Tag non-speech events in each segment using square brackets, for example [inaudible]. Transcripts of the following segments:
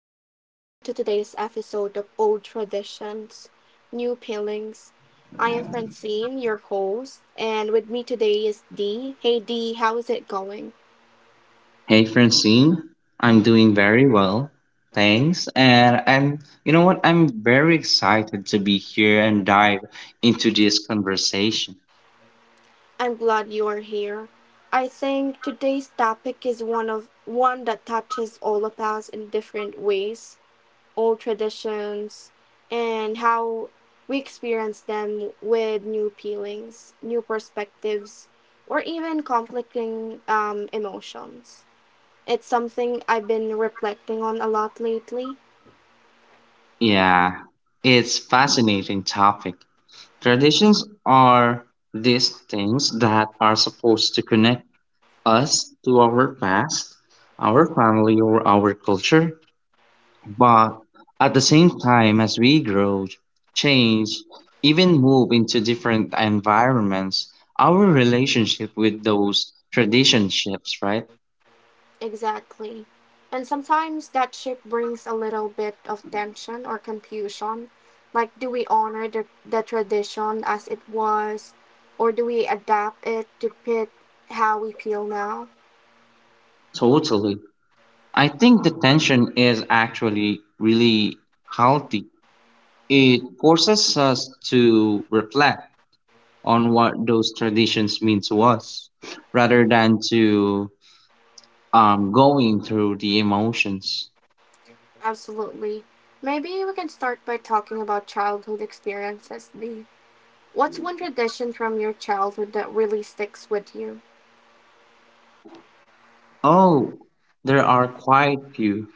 everyone, welcome to today's episode of Old Traditions, New Peelings. I am Francine, your host, and with me today is Dee. Hey Dee, how's it going? Hey Francine, I'm doing very well. Thanks. And I'm, you know what? I'm very excited to be here and dive into this conversation. I'm glad you're here. I think today's topic is one that touches all of us in different ways, old traditions and how we experience them with new peelings, new perspectives, or even conflicting emotions. It's something I've been reflecting on a lot lately. Yeah, it's fascinating topic. Traditions are these things that are supposed to connect us to our past, our family, or our culture. But at the same time, as we grow, change, even move into different environments, our relationship with those traditionships, right? Exactly. And sometimes that shift brings a little bit of tension or confusion. Like, do we honor the tradition as it was, or do we adapt it to fit how we feel now? Totally. I think the tension is actually really healthy. It forces us to reflect on what those traditions mean to us rather than to going through the emotions. Absolutely. Maybe we can start by talking about childhood experiences, Lee. What's one tradition from your childhood that really sticks with you? Oh, there are quite few.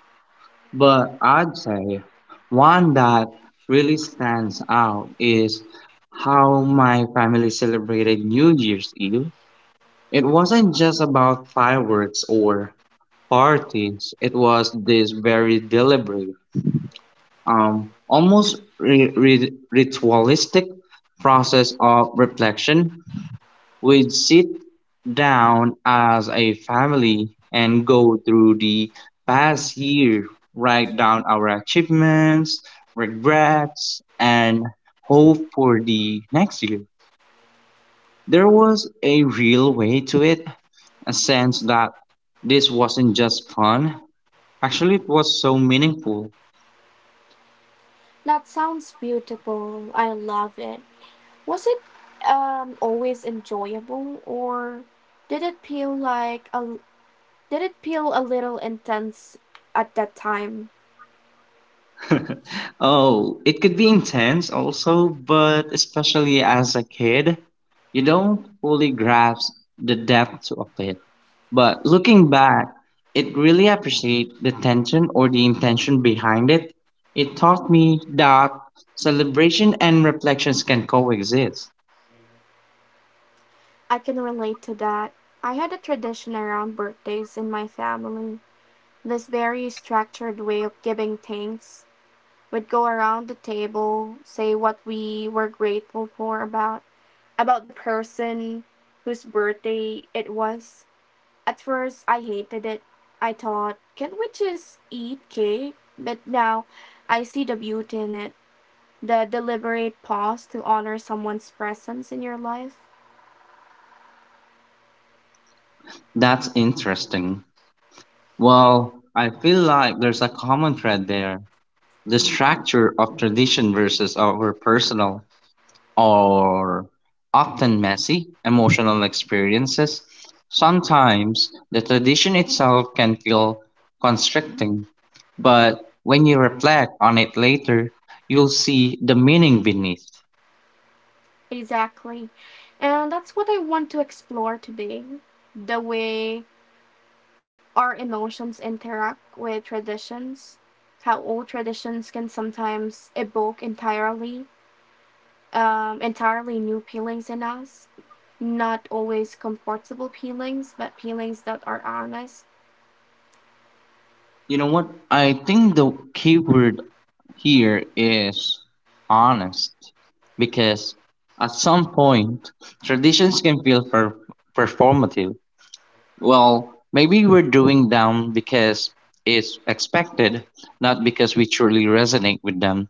But I'd say one that really stands out is how my family celebrated New Year's Eve. It wasn't just about fireworks or parties, it was this very deliberate, almost ritualistic process of reflection. We'd sit down as a family and go through the past year, write down our achievements, regrets, and hope for the next year. There was a real way to it, a sense that this wasn't just fun. Actually, it was so meaningful. That sounds beautiful. I love it. Was it always enjoyable, or did it feel like a did it feel a little intense at that time? [laughs] Oh, it could be intense also, but especially as a kid, you don't fully grasp the depth of it. But looking back, it really appreciate the tension or the intention behind it. It taught me that celebration and reflections can coexist. I can relate to that. I had a tradition around birthdays in my family. This very structured way of giving thanks. We'd go around the table, say what we were grateful for about the person whose birthday it was. At first I hated it. I thought, can't we just eat cake? But now I see the beauty in it. The deliberate pause to honor someone's presence in your life. That's interesting. Well, I feel like there's a common thread there. The structure of tradition versus our personal or often messy emotional experiences, sometimes the tradition itself can feel constricting. But when you reflect on it later, you'll see the meaning beneath. Exactly. And that's what I want to explore today, the way our emotions interact with traditions, how old traditions can sometimes evoke entirely new peelings in us. Not always comfortable peelings, but peelings that are honest. You know what? I think the key word here is honest, because at some point, traditions can feel performative. Well, maybe we're doing them because it's expected, not because we truly resonate with them.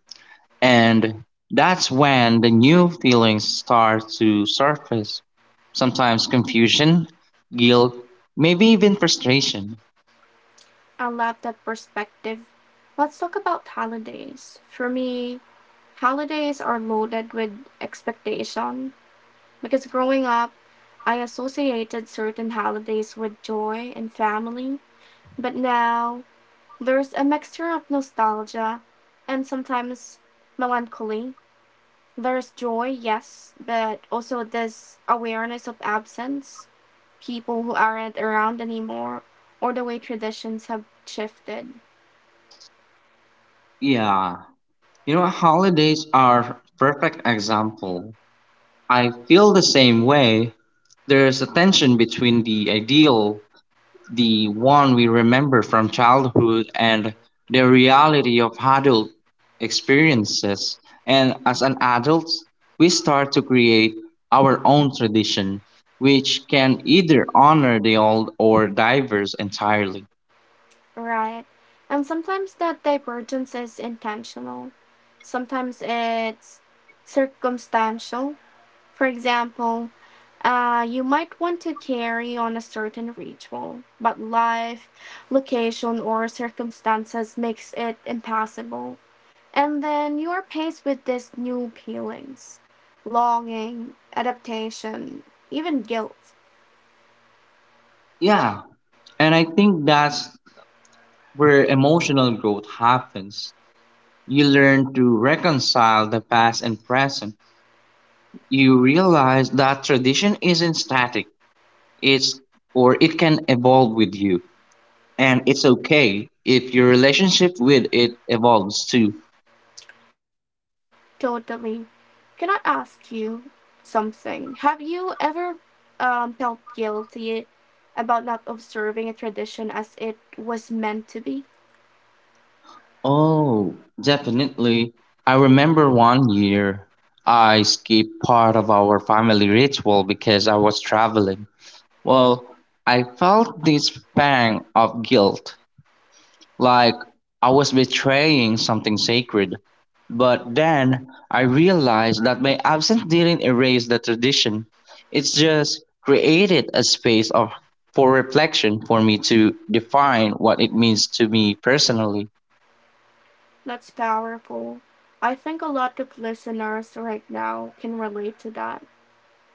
And that's when the new feelings start to surface. Sometimes confusion, guilt, maybe even frustration. I love that perspective. Let's talk about holidays. For me, holidays are loaded with expectation because growing up, I associated certain holidays with joy and family, but now there's a mixture of nostalgia and sometimes melancholy. There's joy, yes, but also this awareness of absence, people who aren't around anymore, or the way traditions have shifted. Yeah, you know, holidays are perfect example. I feel the same way. There's a tension between the ideal, the one we remember from childhood, and the reality of adult experiences. And as an adult, we start to create our own tradition, which can either honor the old or diverse entirely. Right. And sometimes that divergence is intentional, sometimes it's circumstantial. For example, you might want to carry on a certain ritual, but life, location, or circumstances makes it impossible. And then you are faced with these new feelings, longing, adaptation, even guilt. Yeah, and I think that's where emotional growth happens. You learn to reconcile the past and present. You realize that tradition isn't static. It's it can evolve with you. And it's okay if your relationship with it evolves too. Totally. Can I ask you something? Have you ever felt guilty about not observing a tradition as it was meant to be? Oh, definitely. I remember one year I skipped part of our family ritual because I was traveling. Well, I felt this pang of guilt, like I was betraying something sacred. But then I realized that my absence didn't erase the tradition. It's just created a space of for reflection for me to define what it means to me personally. That's powerful. I think a lot of listeners right now can relate to that.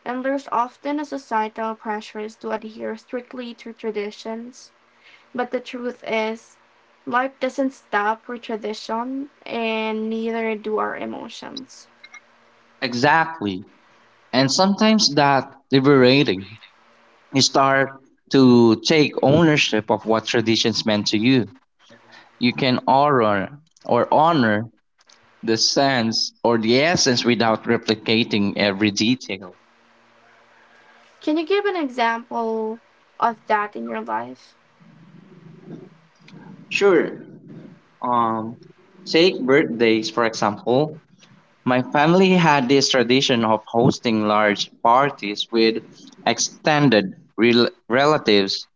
And there's often a societal pressures to adhere strictly to traditions. But the truth is, life doesn't stop for tradition, and neither do our emotions. Exactly. And sometimes that liberating. You start to take ownership of what traditions meant to you. You can honor the sense or the essence without replicating every detail. Can you give an example of that in your life? Sure. Um, Take birthdays for example. My family had this tradition of hosting large parties with extended relatives.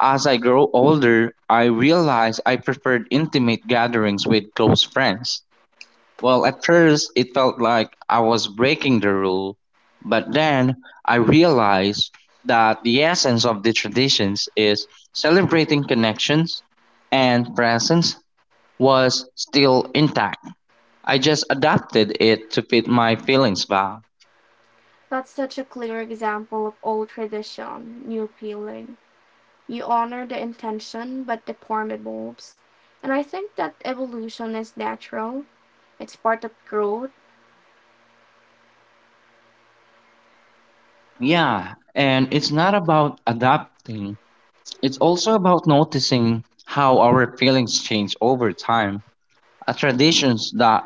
As I grow older, I realized I preferred intimate gatherings with close friends. Well, at first it felt like I was breaking the rule, but then I realized that the essence of the traditions is celebrating connections and presence was still intact. I just adapted it to fit my feelings back. That's such a clear example of old tradition, new feeling. You honor the intention, but the form evolves. And I think that evolution is natural, it's part of growth. Yeah, and it's not about adapting, it's also about noticing how our feelings change over time. A traditions that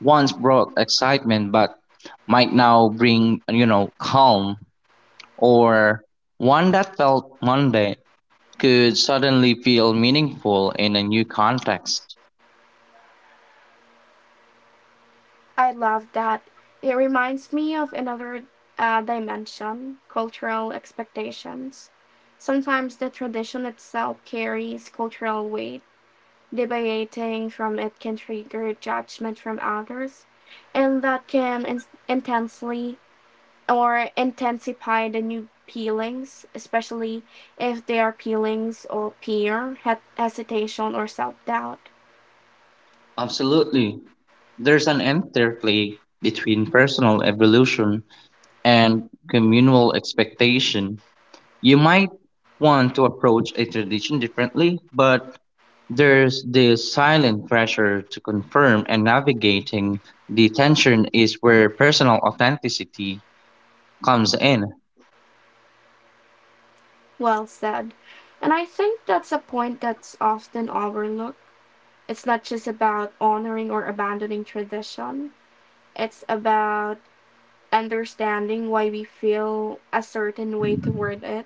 once brought excitement but might now bring, you know, calm, or one that felt mundane could suddenly feel meaningful in a new context. I love that. It reminds me of another dimension, cultural expectations. Sometimes the tradition itself carries cultural weight. Deviating from it can trigger judgment from others, and that can in- intensely or intensify the new feelings, especially if they are feelings of fear, hesitation, or self doubt. Absolutely. There's an interplay between personal evolution and communal expectation. You might want to approach a tradition differently, but there's this silent pressure to confirm, and navigating the tension is where personal authenticity comes in. Well said. And I think that's a point that's often overlooked. It's not just about honoring or abandoning tradition, it's about understanding why we feel a certain way toward it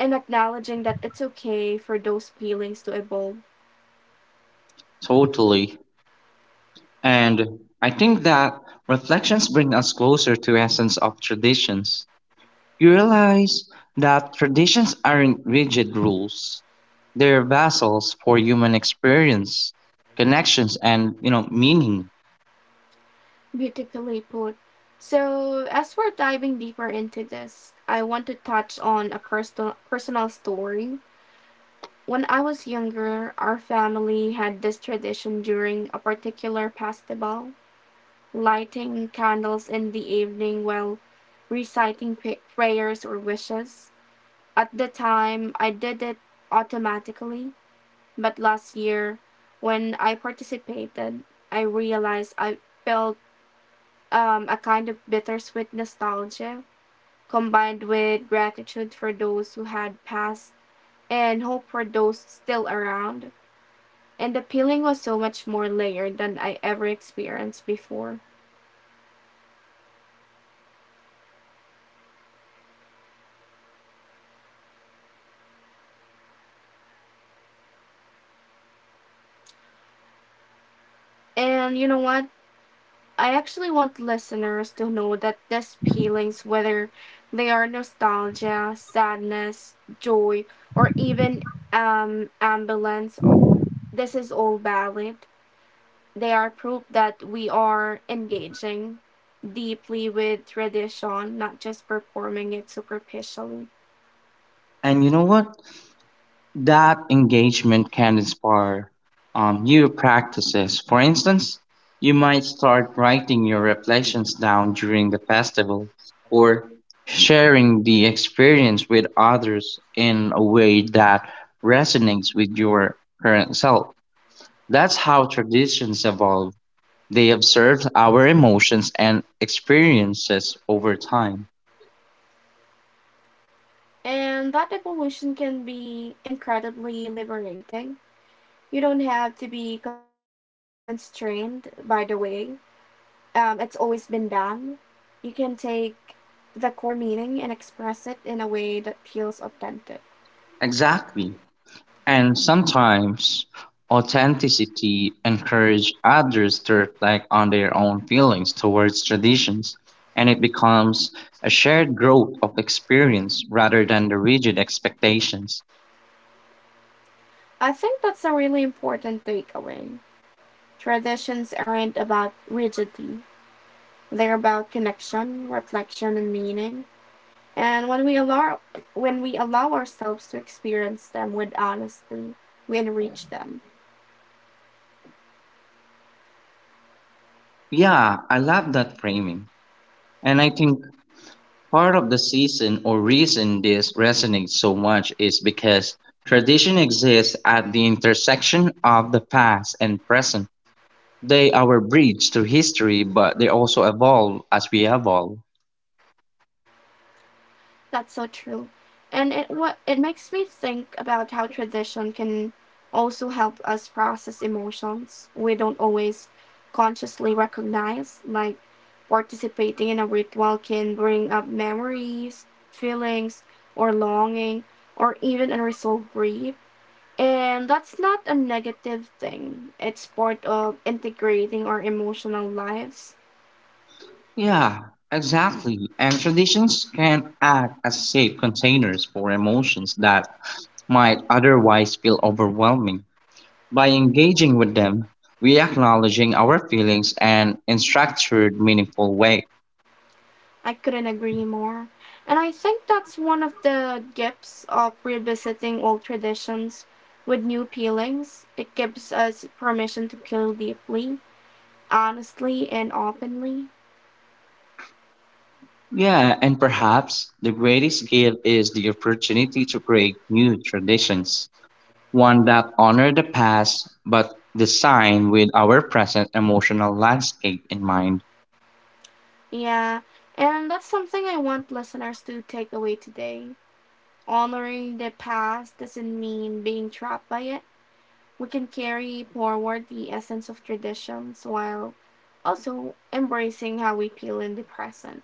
and acknowledging that it's okay for those feelings to evolve. Totally. And I think that reflections bring us closer to essence of traditions. You realize that traditions aren't rigid rules. They're vessels for human experience, connections, and you know meaning. Beautifully put. So, as we're diving deeper into this, I want to touch on a personal story. When I was younger, our family had this tradition during a particular festival, lighting candles in the evening while reciting prayers or wishes. At the time, I did it automatically, but last year, when I participated, I realized I felt a kind of bittersweet nostalgia combined with gratitude for those who had passed and hope for those still around. And the feeling was so much more layered than I ever experienced before. And you know what? I actually want listeners to know that these feelings, whether they are nostalgia, sadness, joy, or even ambulance, this is all valid. They are proof that we are engaging deeply with tradition, not just performing it superficially. And you know what? That engagement can inspire new practices. For instance, you might start writing your reflections down during the festival or sharing the experience with others in a way that resonates with your current self. That's how traditions evolve. They observe our emotions and experiences over time. And that evolution can be incredibly liberating. You don't have to be constrained by the way it's always been done. You can take the core meaning and express it in a way that feels authentic. Exactly. And sometimes authenticity encourages others to reflect on their own feelings towards traditions, and it becomes a shared growth of experience rather than the rigid expectations. I think that's a really important takeaway. Traditions aren't about rigidity. They're about connection, reflection, and meaning. And when we allow ourselves to experience them with honesty, we enrich them. Yeah, I love that framing. And I think part of the season or reason this resonates so much is because tradition exists at the intersection of the past and present. They are a bridge to history, but they also evolve as we evolve. That's so true. And it what it makes me think about how tradition can also help us process emotions we don't always consciously recognize, like participating in a ritual can bring up memories, feelings, or longing, or even unresolved grief. And that's not a negative thing. It's part of integrating our emotional lives. Yeah, exactly. And traditions can act as safe containers for emotions that might otherwise feel overwhelming. By engaging with them, we acknowledging our feelings and in structured, meaningful way. I couldn't agree more. And I think that's one of the gifts of revisiting old traditions with new feelings. It gives us permission to feel deeply, honestly, and openly. Yeah, and perhaps the greatest gift is the opportunity to create new traditions, one that honor the past but designed with our present emotional landscape in mind. Yeah, and that's something I want listeners to take away today. Honoring the past doesn't mean being trapped by it. We can carry forward the essence of traditions while also embracing how we feel in the present.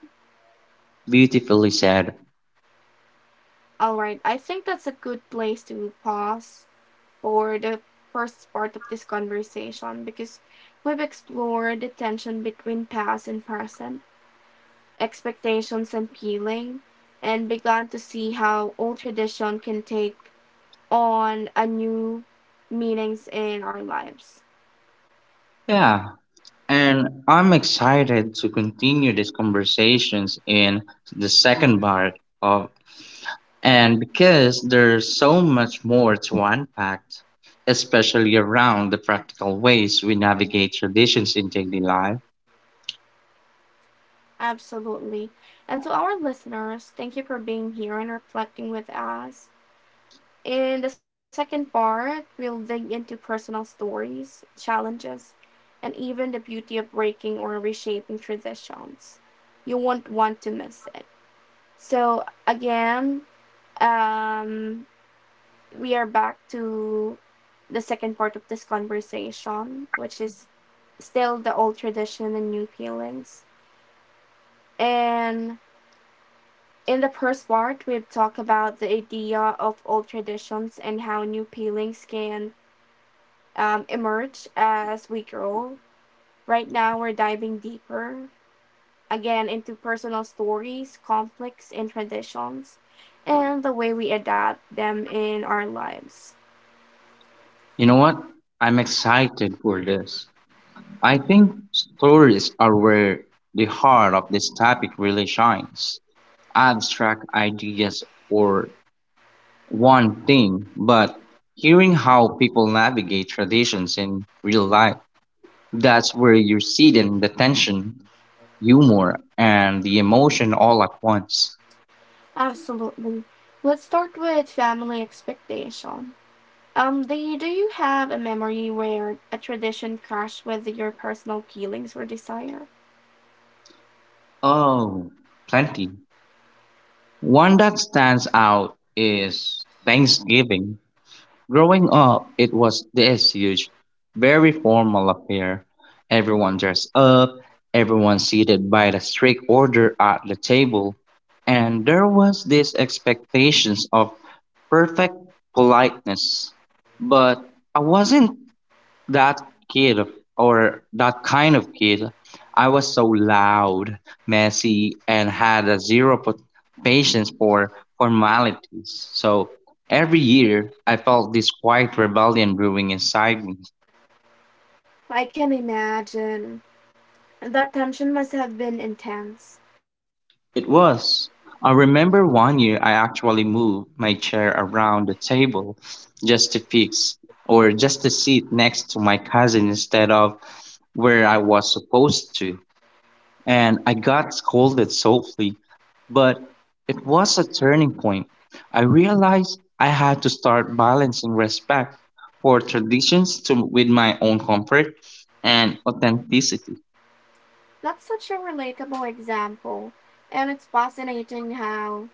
Beautifully said. All right, I think that's a good place to pause for the first part of this conversation because we've explored the tension between past and present, expectations and feeling, and begun to see how old tradition can take on a new meanings in our lives. Yeah, and I'm excited to continue these conversations in the second part of, and because there's so much more to unpack, especially around the practical ways we navigate traditions in daily life. Absolutely. And to our listeners, thank you for being here and reflecting with us. In the second part, we'll dig into personal stories, challenges, and even the beauty of breaking or reshaping traditions. You won't want to miss it. So, again, um, we are back to the second part of this conversation, which is still the old tradition and new feelings. And in the first part, we've talked about the idea of old traditions and how new feelings can emerge as we grow. Right now, we're diving deeper again into personal stories, conflicts, and traditions, and the way we adapt them in our lives. You know what? I'm excited for this. I think stories are where the heart of this topic really shines. Abstract ideas or one thing, but hearing how people navigate traditions in real life, that's where you see then the tension, humor, and the emotion all at once. Absolutely. Let's start with family expectation. Do you have a memory where a tradition crashed with your personal feelings or desire? Oh, plenty. One that stands out is Thanksgiving. Growing up, it was this huge, very formal affair. Everyone dressed up, everyone seated by the strict order at the table, and there was this expectations of perfect politeness. But I wasn't that kid, or that kind of kid, I was so loud, messy, and had a zero patience for formalities. So every year, I felt this quiet rebellion brewing inside me. I can imagine. That tension must have been intense. It was. I remember one year I actually moved my chair around the table just to fix just to sit next to my cousin instead of where I was supposed to. And I got scolded softly, but it was a turning point. I realized I had to start balancing respect for traditions to, with my own comfort and authenticity. That's such a relatable example, and it's fascinating how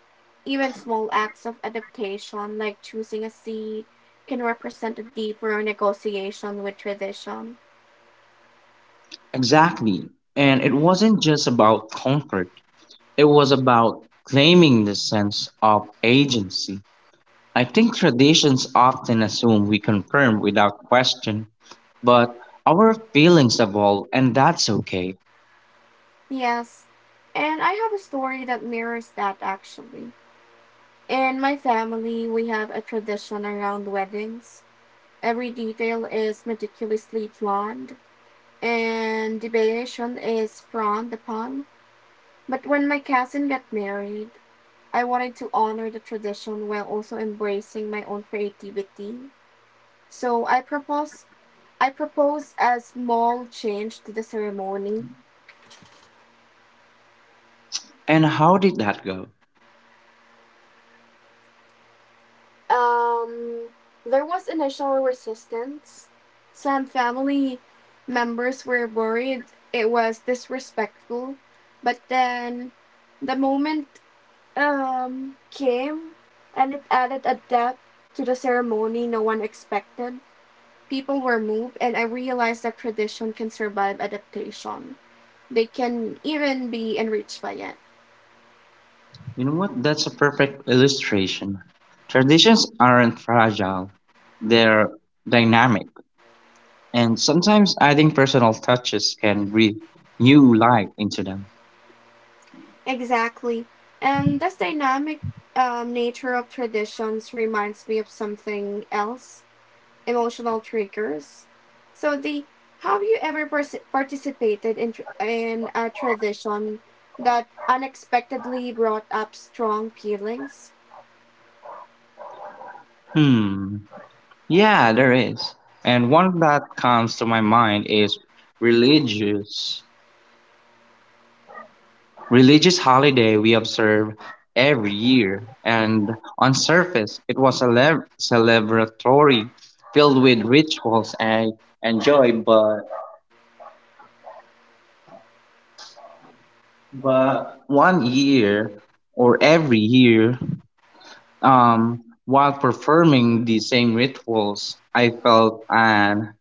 even small acts of adaptation, like choosing a seat, can represent a deeper negotiation with tradition. Exactly. And it wasn't just about comfort, it was about claiming the sense of agency. I think traditions often assume we confirm without question, but our feelings evolve, and that's okay. Yes, and I have a story that mirrors that actually. In my family, we have a tradition around weddings. Every detail is meticulously planned, and deviation is frowned upon. But when my cousin got married, I wanted to honor the tradition while also embracing my own creativity. So I proposed a small change to the ceremony. And how did that go? Um, there was initial resistance. Some family members were worried it was disrespectful, but then the moment came and it added a depth to the ceremony no one expected. People were moved, and I realized that tradition can survive adaptation. They can even be enriched by it. You know what? That's a perfect illustration. Traditions aren't fragile, they're dynamic, and sometimes adding personal touches can breathe new life into them. Exactly. And this dynamic nature of traditions reminds me of something else, emotional triggers. So, the have you ever pers- participated in, tr- in a tradition that unexpectedly brought up strong feelings? Hmm. Yeah, there is. And one that comes to my mind is religious religious holiday we observe every year, and on surface it was a celebratory, filled with rituals and joy. But one year or every year, while performing the same rituals, I felt an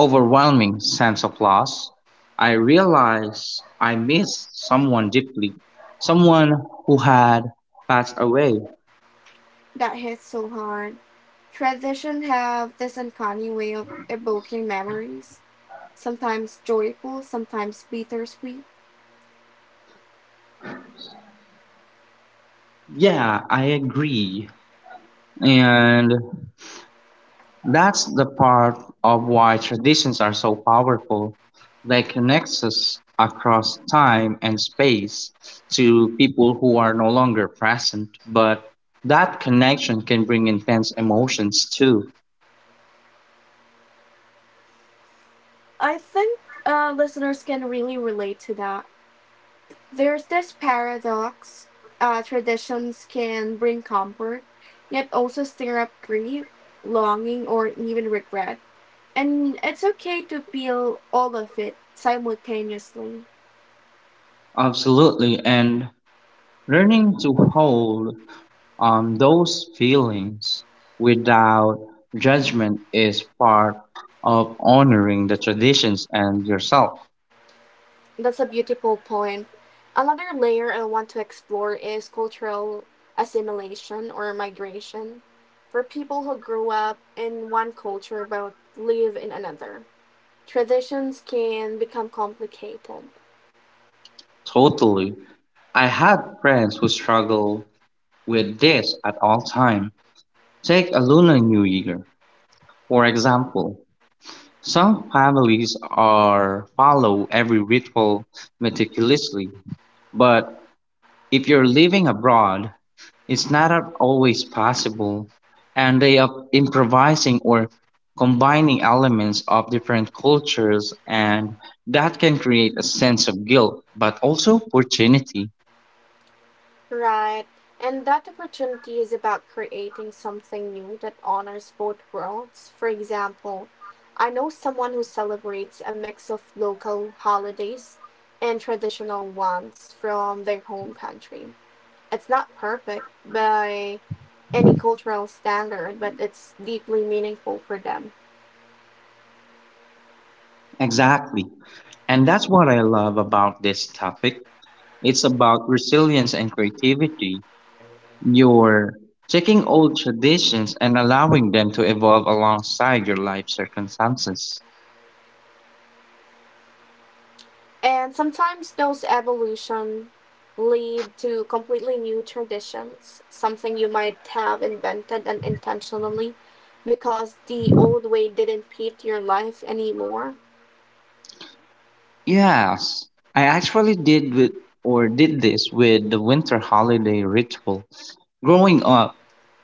overwhelming sense of loss. I realized I missed someone deeply, someone who had passed away. That hits so hard. Traditions have this uncanny way of evoking memories, sometimes joyful, sometimes bittersweet. Yeah, I agree. And that's the part of why traditions are so powerful. They connect us across time and space to people who are no longer present, but that connection can bring intense emotions too. I think listeners can really relate to that. There's this paradox, traditions can bring comfort, yet also stir up grief, longing, or even regret. And it's okay to feel all of it simultaneously. Absolutely. And learning to hold on those feelings without judgment is part of honoring the traditions and yourself. That's a beautiful point. Another layer I want to explore is cultural assimilation or migration, for people who grew up in one culture but live in another. Traditions can become complicated, Totally. I had friends who struggle with this at all time. Take a Lunar New Year, for example. Some families are follow every ritual meticulously, but if you're living abroad, it's not at always possible, and they are improvising or combining elements of different cultures, and that can create a sense of guilt, but also opportunity. right? And that opportunity is about creating something new that honors both worlds. For example, I know someone who celebrates a mix of local holidays and traditional ones from their home country. It's not perfect by any cultural standard, but it's deeply meaningful for them. Exactly. And that's what I love about this topic. It's about resilience and creativity. You're taking old traditions and allowing them to evolve alongside your life circumstances. And sometimes those evolution lead to completely new traditions, something you might have invented unintentionally because the old way didn't fit your life anymore. Yes, I actually did with or did this with the winter holiday ritual. Growing up,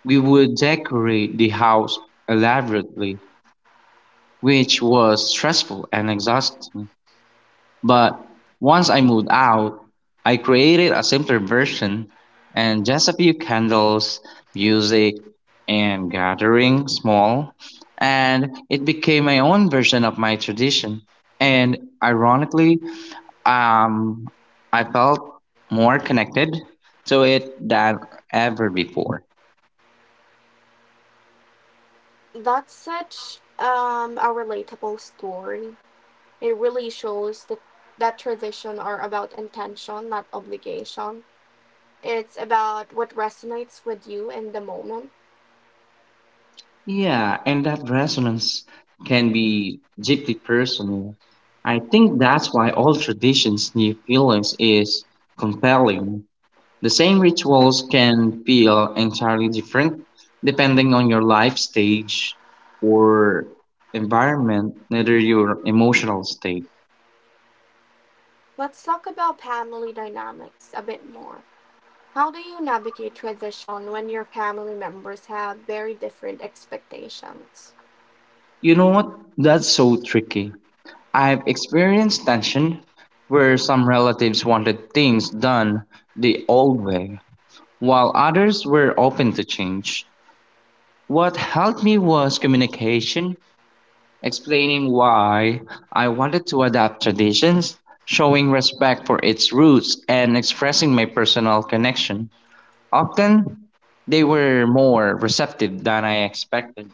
we would decorate the house elaborately, which was stressful and exhausting. But once I moved out, I created a simpler version and just a few candles, music, and gathering small, and it became my own version of my tradition. And ironically, um, I felt more connected to it than ever before. That's such a relatable story. It really shows that traditions are about intention, not obligation. It's about what resonates with you in the moment. Yeah, and that resonance can be deeply personal. I think that's why all traditions' new feelings is compelling. The same rituals can feel entirely different depending on your life stage or environment, neither your emotional state. Let's talk about family dynamics a bit more. How do you navigate transition when your family members have very different expectations? You know what? That's so tricky. I've experienced tension where some relatives wanted things done the old way. While others were open to change, what helped me was communication, explaining why I wanted to adapt traditions, showing respect for its roots, and expressing my personal connection. Often, they were more receptive than I expected.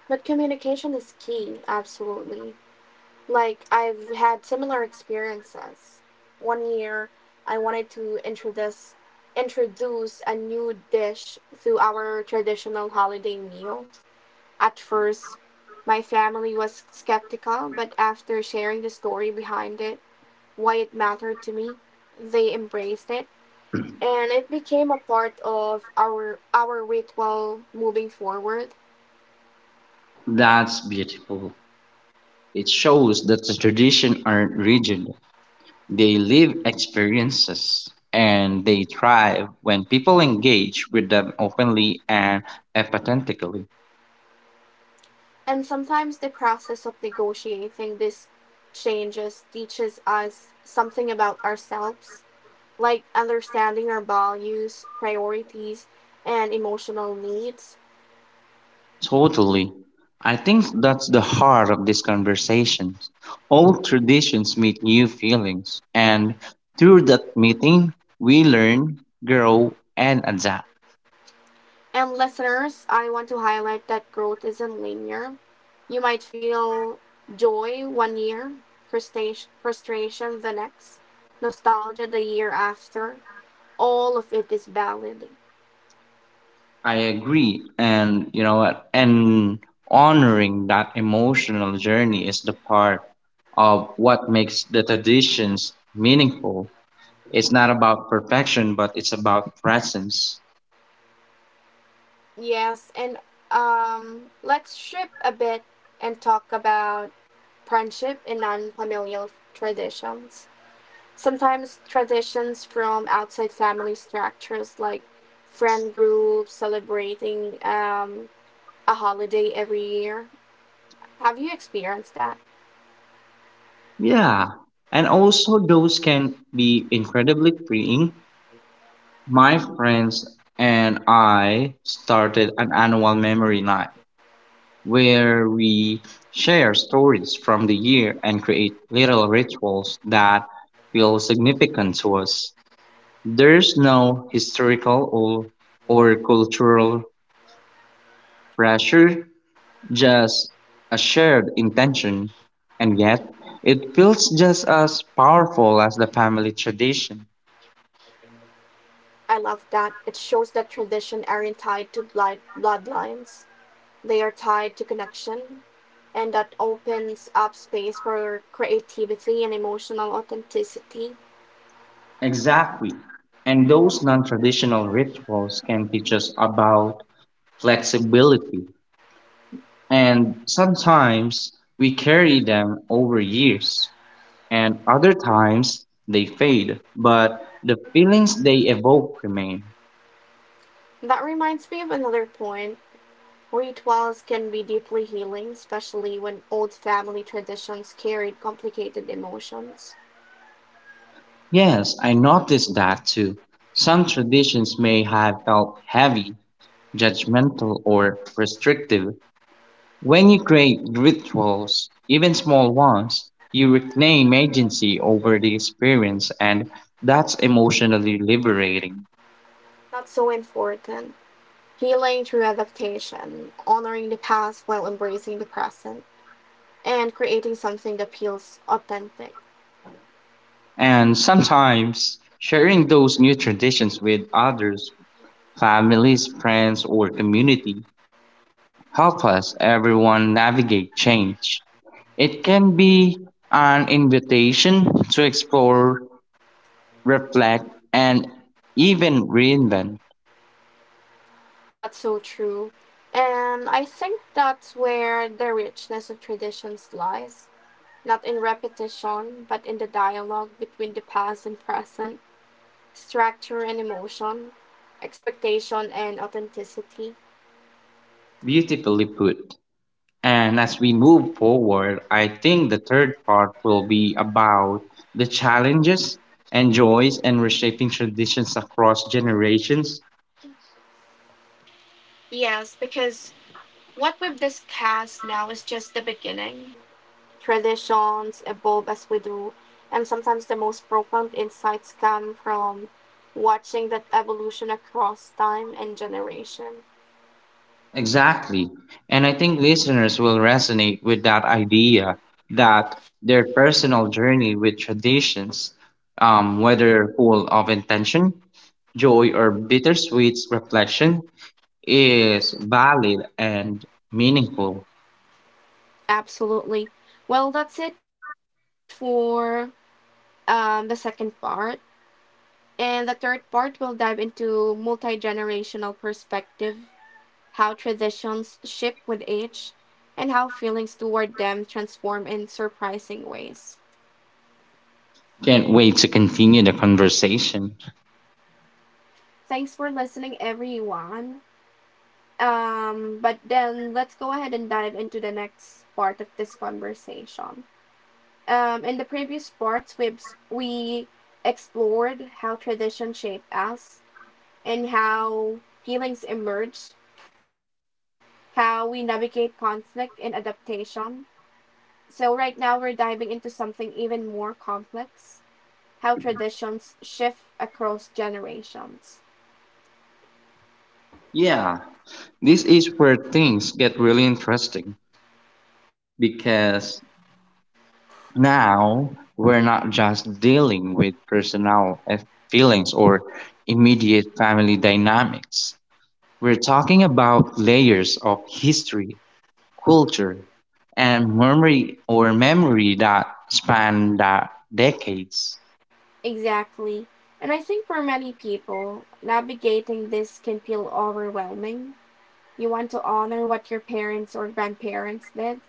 But communication is key, absolutely. Like, I've had similar experiences. One year, I wanted to introduce a new dish to our traditional holiday meal. At first, my family was skeptical, but after sharing the story behind it, why it mattered to me, they embraced it, and it became a part of our ritual moving forward. That's beautiful. It shows that the tradition aren't rigid. They live experiences and they thrive when people engage with them openly and empathetically. And sometimes the process of negotiating these changes teaches us something about ourselves, like understanding our values, priorities, and emotional needs. Totally. I think that's the heart of this conversation. All traditions meet new feelings, and through that meeting, we learn, grow, and adapt. And listeners, I want to highlight that growth isn't linear. You might feel joy one year, frustration the next, nostalgia the year after. All of it is valid. I agree, and you know what? And honoring that emotional journey is the part of what makes the traditions meaningful. It's not about perfection, but it's about presence. Yes, and let's shift a bit and talk about friendship and non-familial traditions. Sometimes traditions from outside family structures like friend groups celebrating a holiday every year. Have you experienced that? Yeah. And also, those can be incredibly freeing. My friends and I started an annual memory night where we share stories from the year and create little rituals that feel significant to us. There's no historical or cultural pressure, just a shared intention, and yet it feels just as powerful as the family tradition. I love that. It shows that traditions aren't tied to bloodlines. They are tied to connection, and that opens up space for creativity and emotional authenticity. Exactly. And those non traditional rituals can teach us about flexibility. And sometimes we carry them over years, and other times they fade, but the feelings they evoke remain. That reminds me of another point. Rituals can be deeply healing, especially when old family traditions carried complicated emotions. Yes, I noticed that too. Some traditions may have felt heavy, judgmental, or restrictive. When you create rituals, even small ones, you reclaim agency over the experience, and that's emotionally liberating. That's so important. Healing through adaptation, honoring the past while embracing the present, and creating something that feels authentic. And sometimes sharing those new traditions with others, families, friends, or community, help us everyone navigate change. It can be an invitation to explore, reflect, and even reinvent. That's so true. And I think that's where the richness of traditions lies, not in repetition, but in the dialogue between the past and present, structure and emotion, expectation and authenticity. Beautifully put. And as we move forward, I think the third part will be about the challenges and joys and reshaping traditions across generations. Yes, because what we've discussed now is just the beginning. Traditions evolve as we do, and sometimes the most profound insights come from watching that evolution across time and generation. Exactly. And I think listeners will resonate with that idea that their personal journey with traditions, whether full of intention, joy, or bittersweet reflection, is valid and meaningful. Absolutely. Well, that's it for the second part. And the third part will dive into multi generational perspective, how traditions shift with age, and how feelings toward them transform in surprising ways. Can't wait to continue the conversation. Thanks for listening, everyone. But then let's go ahead and dive into the next part of this conversation. In the previous parts, we explored how tradition shape us and how feelings emerge, how we navigate conflict and adaptation. So right now we're diving into something even more complex, how traditions shift across generations. Yeah, this is where things get really interesting because now we're not just dealing with personal feelings or immediate family dynamics. We're talking about layers of history, culture, and memory that span that decades. Exactly. And I think for many people, navigating this can feel overwhelming. You want to honor what your parents or grandparents did,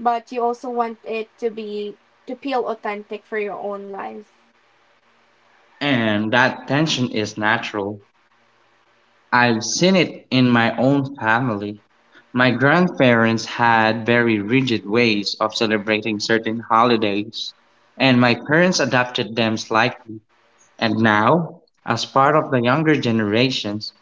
but you also want it to be to feel authentic for your own life. And that tension is natural. I've seen it in my own family. My grandparents had very rigid ways of celebrating certain holidays, and my parents adapted them slightly. And now, as part of the younger generations,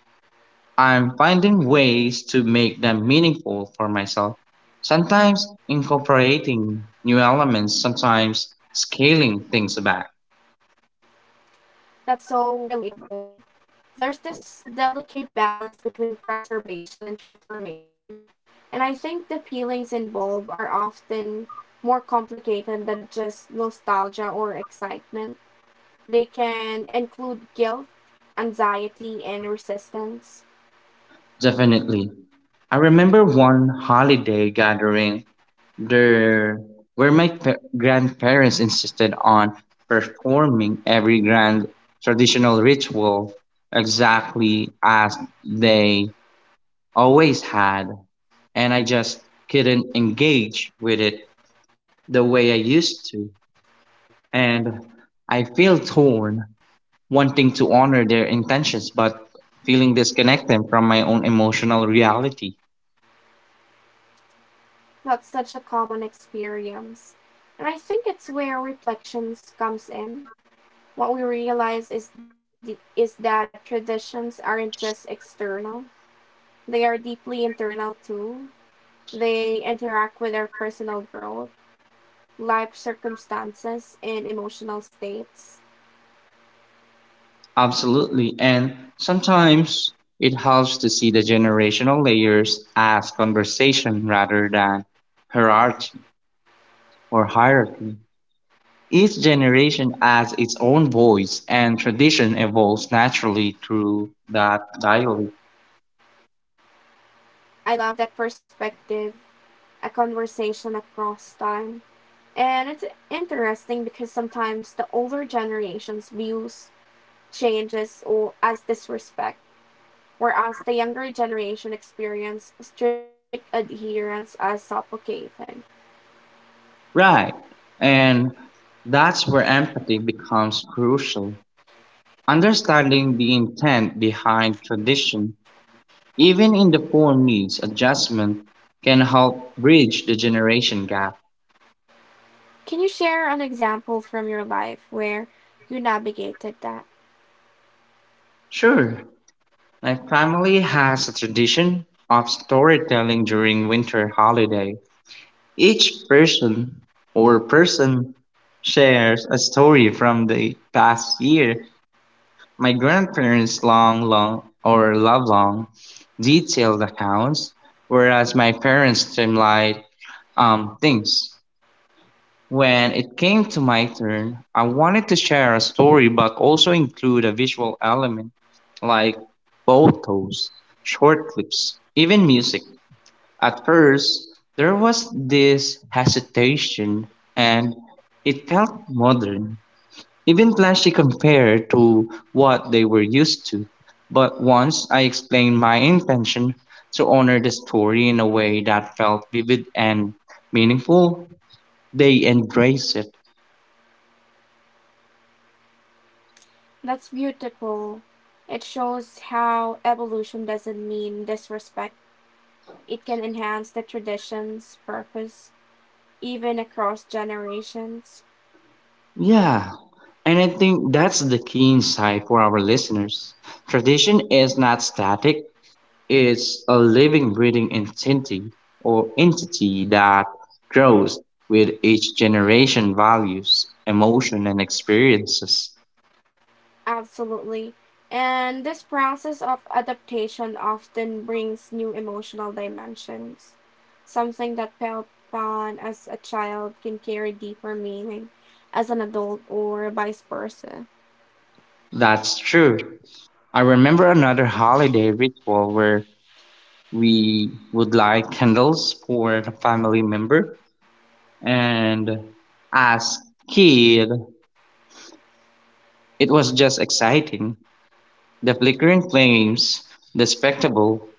I'm finding ways to make them meaningful for myself. Sometimes incorporating new elements, sometimes scaling things back. That's so relatable. There's this delicate balance between preservation and transformation, and I think the feelings involved are often more complicated than just nostalgia or excitement. They can include guilt, anxiety, and resistance. Definitely. I remember one holiday gathering there where grandparents insisted on performing every grand traditional ritual exactly as they always had, and I just couldn't engage with it the way I used to, and I feel torn, wanting to honor their intentions but feeling disconnected from my own emotional reality. That's such a common experience. And I think it's where reflections comes in. What we realize is is that traditions aren't just external. They are deeply internal too. They interact with our personal growth, life circumstances, and emotional states. Absolutely. And sometimes it helps to see the generational layers as conversation rather than hierarchy hierarchy. Each generation has its own voice and tradition evolves naturally through that dialogue. I love that perspective, a conversation across time. And it's interesting because sometimes the older generations views changes or as disrespect, whereas the younger generation experience strict adherence as suffocating. Right. And that's where empathy becomes crucial. Understanding the intent behind tradition, even in the form needs adjustment, can help bridge the generation gap. Can you share an example from your life where you navigated that? Sure. My family has a tradition of storytelling during winter holiday. Each person shares a story from the past year. My grandparents long long or love long detailed accounts, whereas my parents streamlined things. When it came to my turn, I wanted to share a story but also include a visual element like photos, short clips, even music. At first, there was this hesitation, and it felt modern, even flashy compared to what they were used to. But once I explained my intention to honor the story in a way that felt vivid and meaningful, they embraced it. That's beautiful. It shows how evolution doesn't mean disrespect. It can enhance the tradition's purpose, even across generations. Yeah, and I think that's the key insight for our listeners. Tradition is not static, it's a living, breathing entity that grows with each generation, values, emotion, and experiences. Absolutely. And this process of adaptation often brings new emotional dimensions. Something that felt fun as a child can carry deeper meaning as an adult or vice versa. That's true. I remember another holiday ritual where we would light candles for the family member, and as kid, it was just exciting. The flickering flames, the spectacle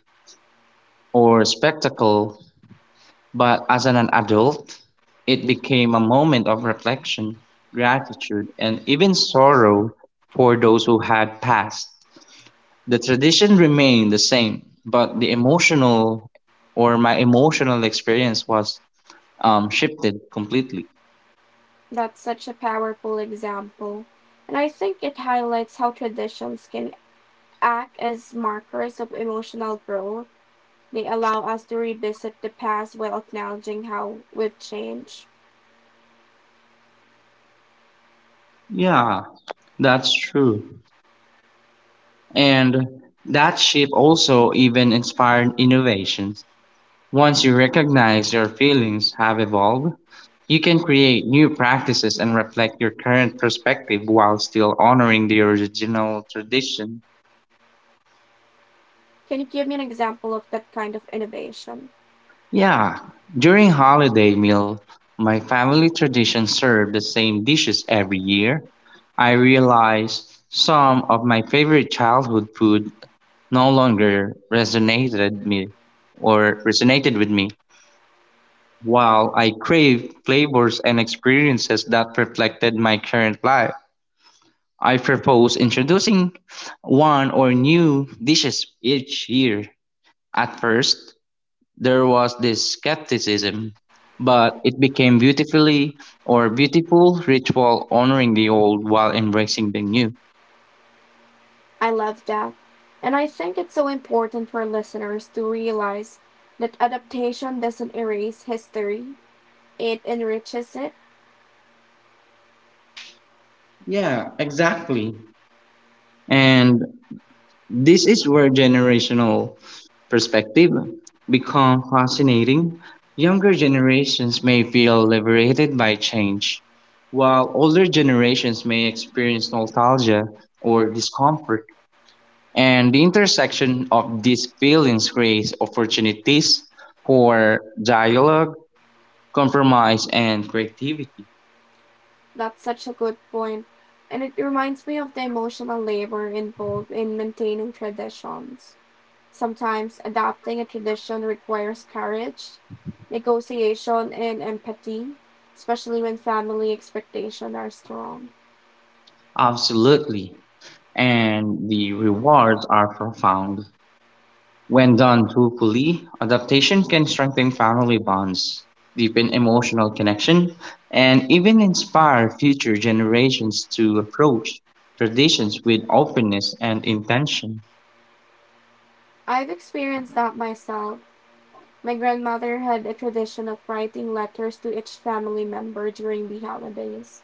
or spectacle, but as an adult, it became a moment of reflection, gratitude, and even sorrow for those who had passed. The tradition remained the same, but the emotional or my emotional experience was shifted completely. That's such a powerful example. And I think it highlights how traditions can act as markers of emotional growth. They allow us to revisit the past while acknowledging how we've changed. Yeah, that's true. And that shift also even inspired innovation. Once you recognize your feelings have evolved, you can create new practices and reflect your current perspective while still honoring the original tradition. Can you give me an example of that kind of innovation? Yeah, during holiday meal, my family tradition served the same dishes every year. I realized some of my favorite childhood food no longer resonated with me. While I crave flavors and experiences that reflected my current life, I propose introducing one or new dishes each year. At first, there was this skepticism, but it became beautiful ritual honoring the old while embracing the new. I love that. And I think it's so important for listeners to realize that adaptation doesn't erase history, it enriches it. Yeah, exactly. And this is where generational perspective become fascinating. Younger generations may feel liberated by change, while older generations may experience nostalgia or discomfort. And the intersection of these feelings creates opportunities for dialogue, compromise, and creativity. That's such a good point. And it reminds me of the emotional labor involved in maintaining traditions. Sometimes adapting a tradition requires courage, negotiation, and empathy, especially when family expectations are strong. Absolutely. And the rewards are profound. When done truthfully, adaptation can strengthen family bonds, deepen emotional connection, and even inspire future generations to approach traditions with openness and intention. I've experienced that myself. My grandmother had a tradition of writing letters to each family member during the holidays,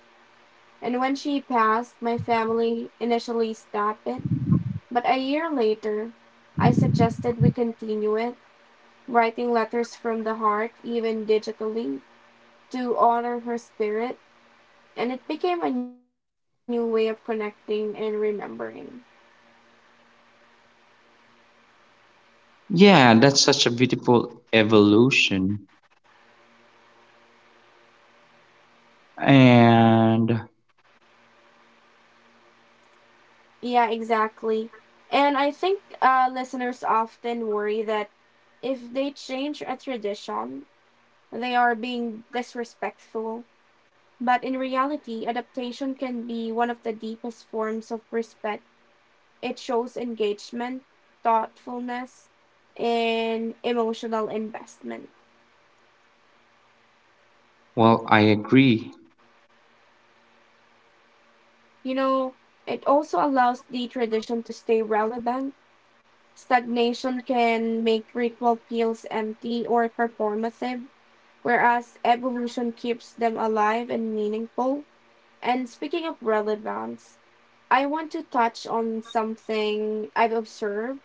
and when she passed, my family initially stopped it, but a year later I suggested we continue it, writing letters from the heart, even digitally, to honor her spirit, and it became a new way of connecting and remembering. Yeah, that's such a beautiful evolution. And, Yeah, exactly. And I think listeners often worry that if they change a tradition, they are being disrespectful, but in reality, adaptation can be one of the deepest forms of respect. It shows engagement, thoughtfulness, and emotional investment. well, I agree. You know, it also allows the tradition to stay relevant. Stagnation can make ritual feels empty or performative, whereas evolution keeps them alive and meaningful. And speaking of relevance, I want to touch on something I've observed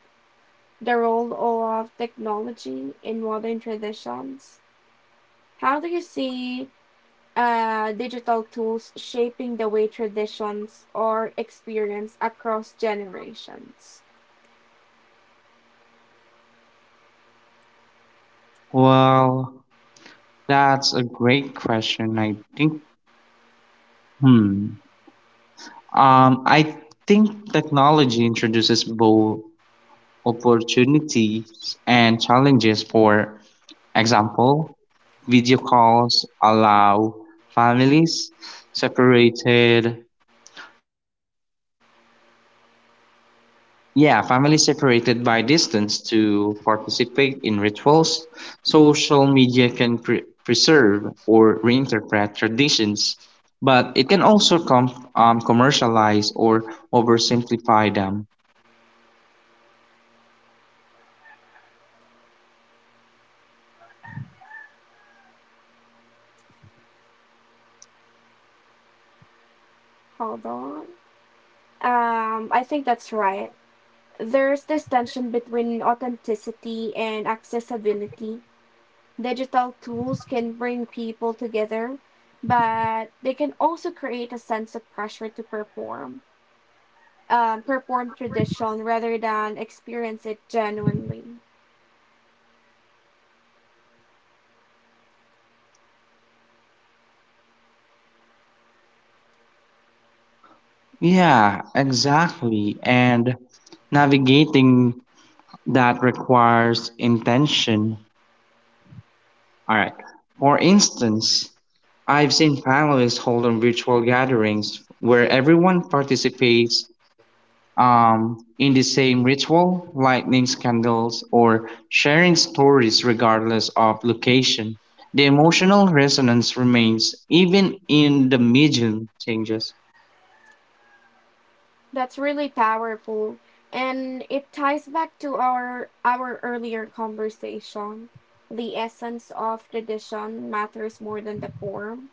the role of technology in modern traditions. How do you see digital tools shaping the way traditions are experienced across generations? Well, that's a great question. I think, hmm. I think technology introduces both opportunities and challenges. For example, video calls allow families separated yeah families separated by distance to participate in rituals. Social media can preserve or reinterpret traditions, but it can also commercialize or oversimplify them. Hold on. I think that's right. There's this tension between authenticity and accessibility. Digital tools can bring people together, but they can also create a sense of pressure to perform, perform tradition rather than experience it genuinely. Yeah, exactly, and navigating that requires intention. All right. For instance, I've seen families hold on virtual gatherings where everyone participates in the same ritual, lighting candles, or sharing stories regardless of location. The emotional resonance remains even in the medium changes. That's really powerful, and it ties back to our earlier conversation. The essence of tradition matters more than the form,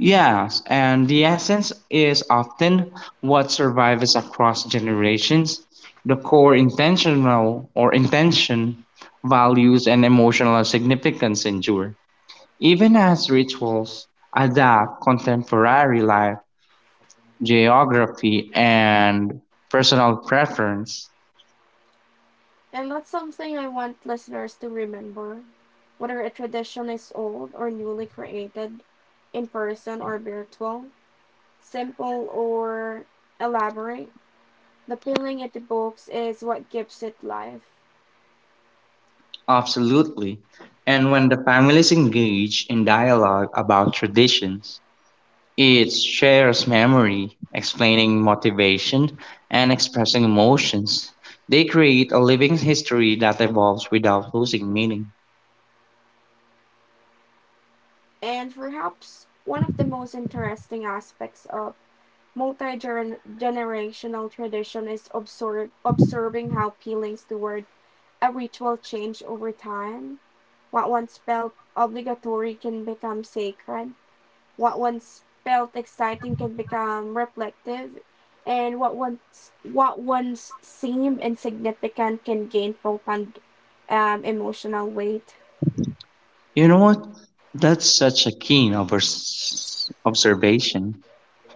Yes, and the essence is often what survives across generations. The core intention, values, and emotional significance endure, even as rituals adapt contemporary life, geography, and personal preference. and that's something I want listeners to remember. Whether a tradition is old or newly created, in person or virtual, simple or elaborate, the feeling it evokes is what gives it life. Absolutely. And when the families engage in dialogue about traditions, it shares memory, explaining motivation, and expressing emotions. They create a living history that evolves without losing meaning. And perhaps one of the most interesting aspects of multi generational tradition is observing how feelings toward a ritual change over time. What once felt obligatory can become sacred, what once felt exciting can become reflective, and what once seemed insignificant can gain profound emotional weight. You know what? That's such a keen overs observation.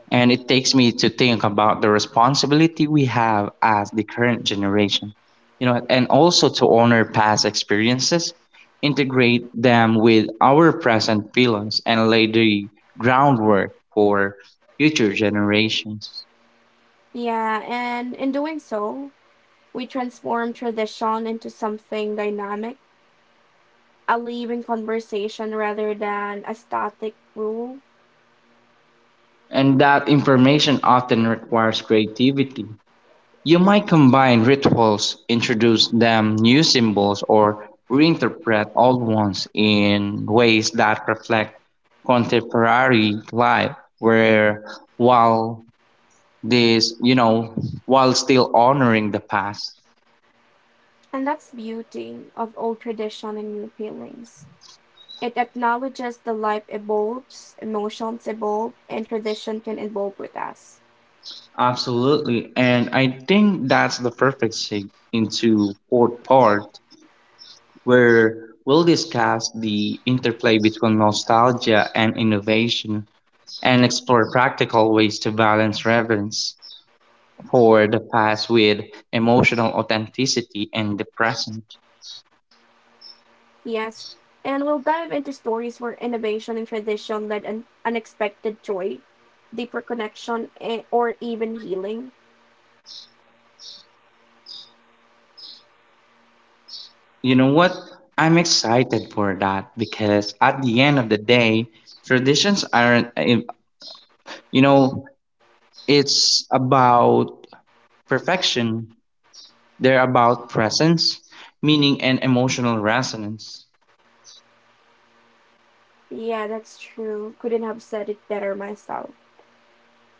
And it takes me to think about the responsibility we have as the current generation, you know, and also to honor past experiences, integrate them with our present feelings, and lay the groundwork for future generations. Yeah, and in doing so, we transform tradition into something dynamic, a living conversation rather than a static rule. And that information often requires creativity. You might combine rituals, introduce them new symbols, or reinterpret old ones in ways that reflect contemporary life, where while this, you know, while still honoring the past. And that's beauty of old tradition and new feelings. It acknowledges the life evolves, emotions evolve, and tradition can evolve with us. Absolutely. And I think that's the perfect sig into fourth part, where we'll discuss the interplay between nostalgia and innovation and explore practical ways to balance reverence for the past with emotional authenticity in the present. Yes, and we'll dive into stories where innovation and tradition led an unexpected joy, deeper connection, or even healing. You know what? I'm excited for that because at the end of the day, traditions aren't, eh, you know, it's about perfection. They're about presence, meaning, and emotional resonance. Yeah, that's true. Couldn't have said it better myself.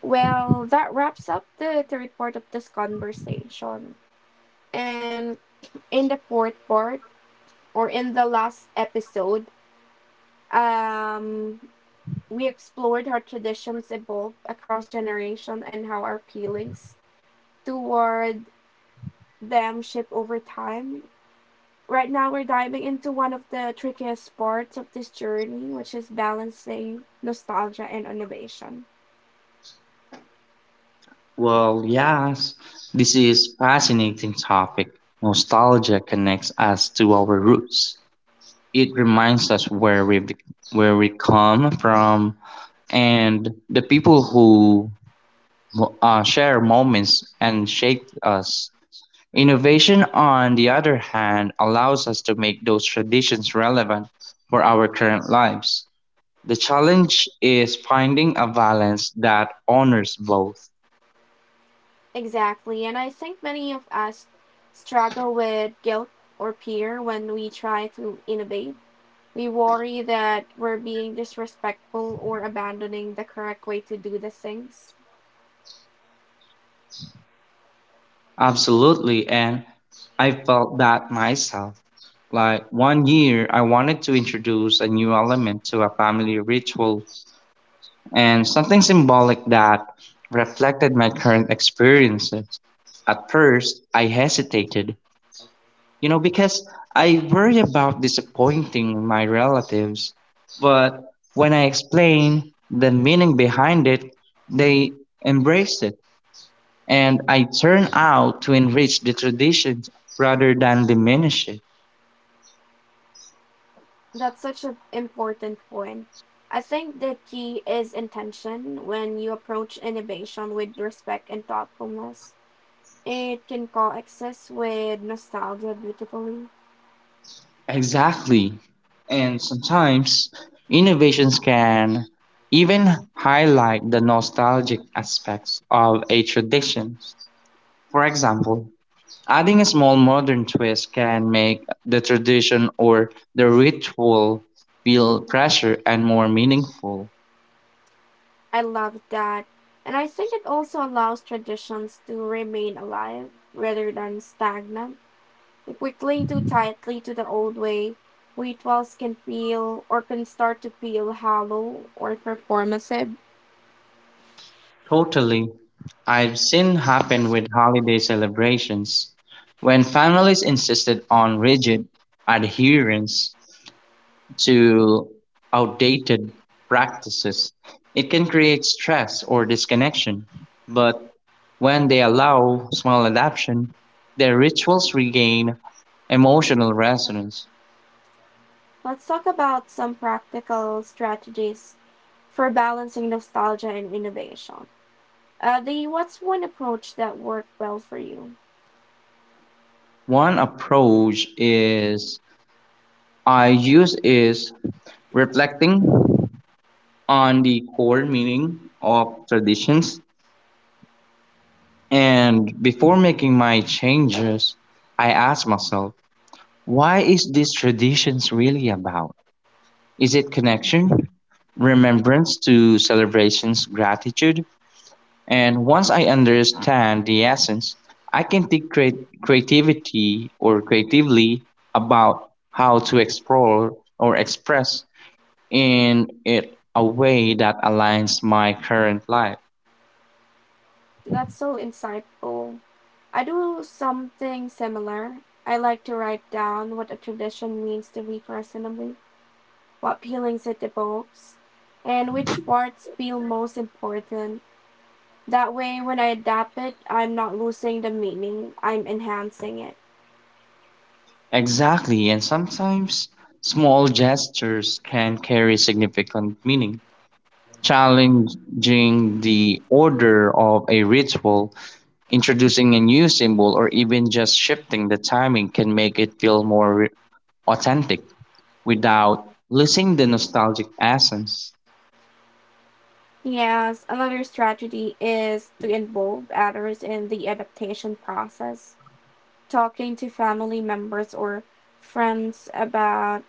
Well, that wraps up the third part of this conversation. And in the fourth part, or in the last episode, um, we explored how traditions evolve across generation and how our feelings toward them shift over time. Right now, we're diving into one of the trickiest parts of this journey, which is balancing nostalgia and innovation. Well, yes, this is fascinating topic. Nostalgia connects us to our roots, it reminds us where we come from and the people who share moments and shape us. Innovation, on the other hand, allows us to make those traditions relevant for our current lives. The challenge is finding a balance that honors both. Exactly, and I think many of us struggle with guilt or fear when we try to innovate. We worry that we're being disrespectful or abandoning the correct way to do the things. Absolutely, and I felt that myself. Like one year, I wanted to introduce a new element to a family ritual and something symbolic that reflected my current experiences. At first, I hesitated, you know, because I worry about disappointing my relatives. But when I explained the meaning behind it, they embraced it, and I turned out to enrich the traditions rather than diminish it. That's such an important point. I think the key is intention. When you approach innovation with respect and thoughtfulness, it can coexist with nostalgia beautifully. Exactly. And sometimes innovations can even highlight the nostalgic aspects of a tradition. For example, adding a small modern twist can make the tradition or the ritual feel fresher and more meaningful. I love that. And I think it also allows traditions to remain alive rather than stagnant. If we cling too tightly to the old way, rituals can start to feel hollow or performative. Totally. I've seen happen with holiday celebrations when families insisted on rigid adherence to outdated practices. It can create stress or disconnection, but when they allow small adaptation, their rituals regain emotional resonance. Let's talk about some practical strategies for balancing nostalgia and innovation. The what's one approach that worked well for you? One approach is I use is reflecting on the core meaning of traditions, and before making my changes, I ask myself, why is these traditions really about? Is it connection, remembrance to celebrations, gratitude? And once I understand the essence, I can think create creativity or creatively about how to explore or express in it a way that aligns my current life. That's so insightful. I do something similar. I like to write down what a tradition means to me personally, what feelings it evokes, and which parts feel most important. That way, when I adapt it, I'm not losing the meaning, I'm enhancing it. Exactly, and sometimes small gestures can carry significant meaning. Challenging the order of a ritual, introducing a new symbol, or even just shifting the timing can make it feel more authentic without losing the nostalgic essence. Yes, another strategy is to involve others in the adaptation process. Talking to family members or friends about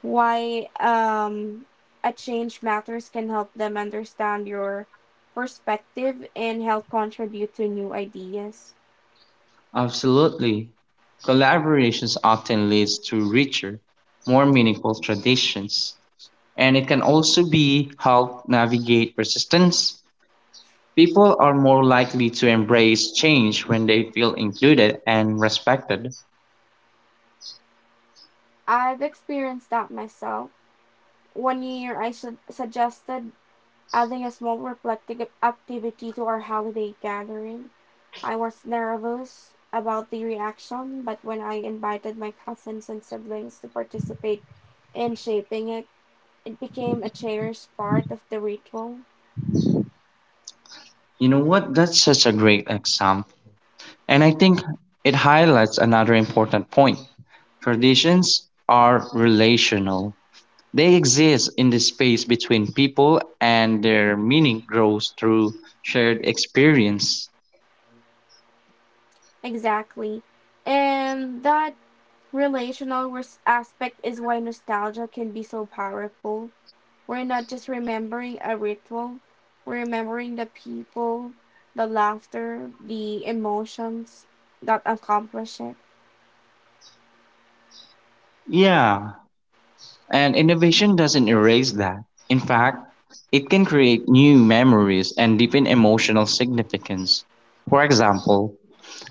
why a change matters can help them understand your perspective and help contribute to new ideas. Absolutely. Collaborations often leads to richer, more meaningful traditions, and it can also be help navigate resistance. People are more likely to embrace change when they feel included and respected. I've experienced that myself. One year, I suggested adding a small reflective activity to our holiday gathering. I was nervous about the reaction, but when I invited my cousins and siblings to participate in shaping it, it became a cherished part of the ritual. You know what? That's such a great example. And I think it highlights another important point. Traditions are relational. They exist in the space between people and their meaning grows through shared experience. Exactly. And that relational aspect is why nostalgia can be so powerful. We're not just remembering a ritual, we're remembering the people, the laughter, the emotions that accomplish it. Yeah, and innovation doesn't erase that. In fact, it can create new memories and deepen emotional significance. For example,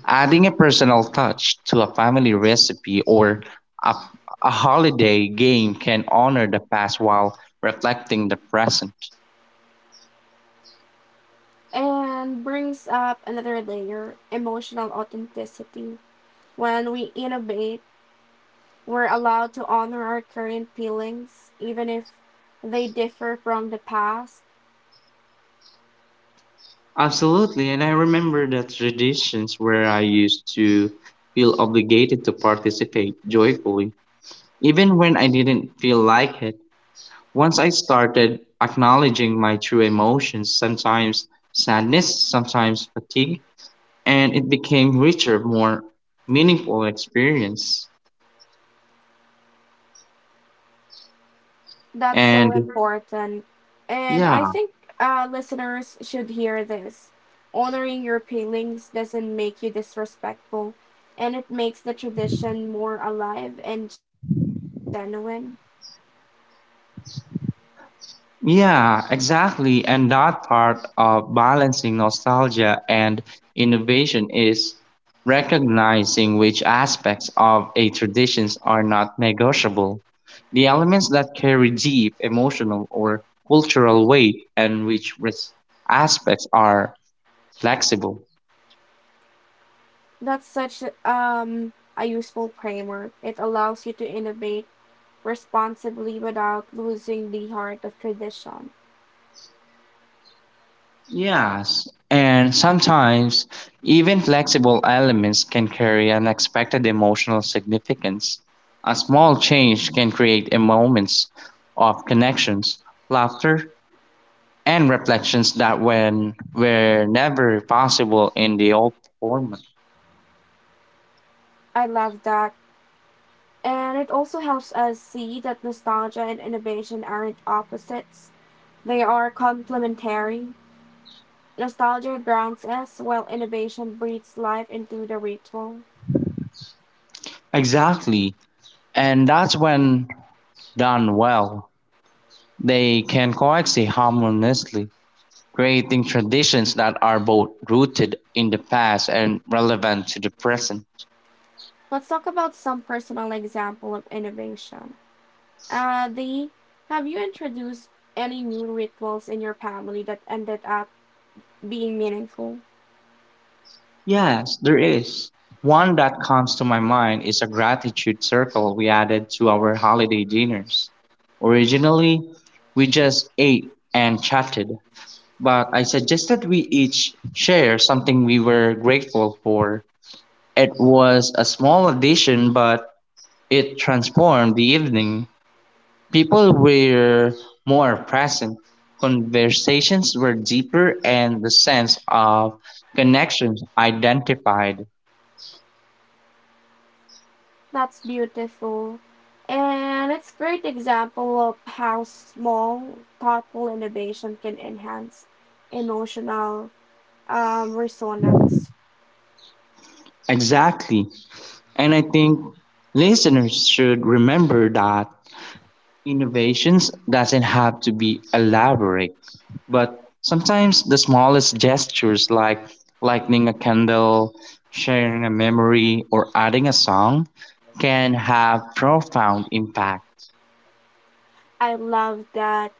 adding a personal touch to a family recipe or a, a holiday game can honor the past while reflecting the present. And brings up another layer emotional authenticity. When we innovate, we're allowed to honor our current feelings, even if they differ from the past. Absolutely, and I remember the traditions where I used to feel obligated to participate joyfully, even when I didn't feel like it. Once I started acknowledging my true emotions, sometimes sadness, sometimes fatigue, and it became richer, more meaningful experience. That's so And important. And yeah, I think listeners should hear this. Honoring your feelings doesn't make you disrespectful, and it makes the tradition more alive and genuine. yeah, exactly. And that part of balancing nostalgia and innovation is recognizing which aspects of a traditions are not negotiable. The elements that carry deep emotional or cultural weight and which aspects are flexible. That's such a useful framework. It allows you to innovate responsibly without losing the heart of tradition. Yes, and sometimes even flexible elements can carry unexpected emotional significance. A small change can create a moments of connections, laughter, and reflections that when were never possible in the old format. I love that. And it also helps us see that nostalgia and innovation aren't opposites, they are complementary. Nostalgia grounds us, while innovation breathes life into the ritual. Exactly, and that's when done well, they can coexist harmoniously, creating traditions that are both rooted in the past and relevant to the present. Let's talk about some personal example of innovation. The have you introduced any new rituals in your family that ended up being meaningful? Yes, there is. One that comes to my mind is a gratitude circle we added to our holiday dinners. Originally, we just ate and chatted, but I suggested we each share something we were grateful for. It was a small addition, but it transformed the evening. People were more present, conversations were deeper, and the sense of connection identified. That's beautiful. And it's a great example of how small, thoughtful innovation can enhance emotional resonance. Exactly. And I think listeners should remember that innovations doesn't have to be elaborate, but sometimes the smallest gestures like lighting a candle, sharing a memory, or adding a song can have profound impact. I love that.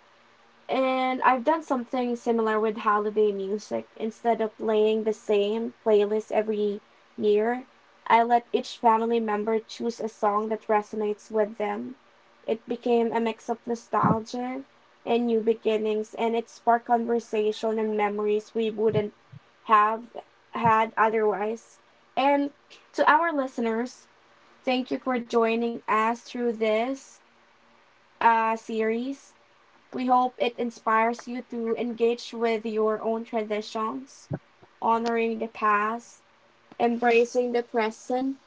And I've done something similar with holiday music. Instead of playing the same playlist every year, I let each family member choose a song that resonates with them. It became a mix of nostalgia and new beginnings, and it sparked conversation and memories we wouldn't have had otherwise. And to our listeners, thank you for joining us through this series. We hope it inspires you to engage with your own traditions, honoring the past, embracing the present,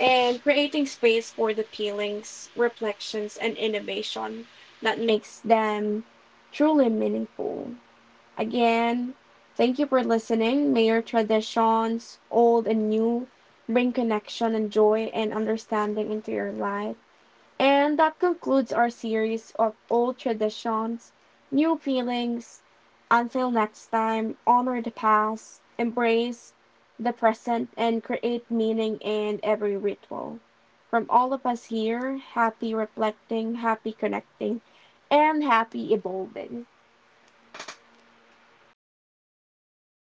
and creating space for the feelings, reflections, and innovation that makes them truly meaningful. Again, thank you for listening. May your traditions, old and new, bring connection and joy and understanding into your life. And that concludes our series of old traditions, new feelings. Until next time, honor the past, embrace the present, and create meaning in every ritual. From all of us here, happy reflecting, happy connecting, and happy evolving.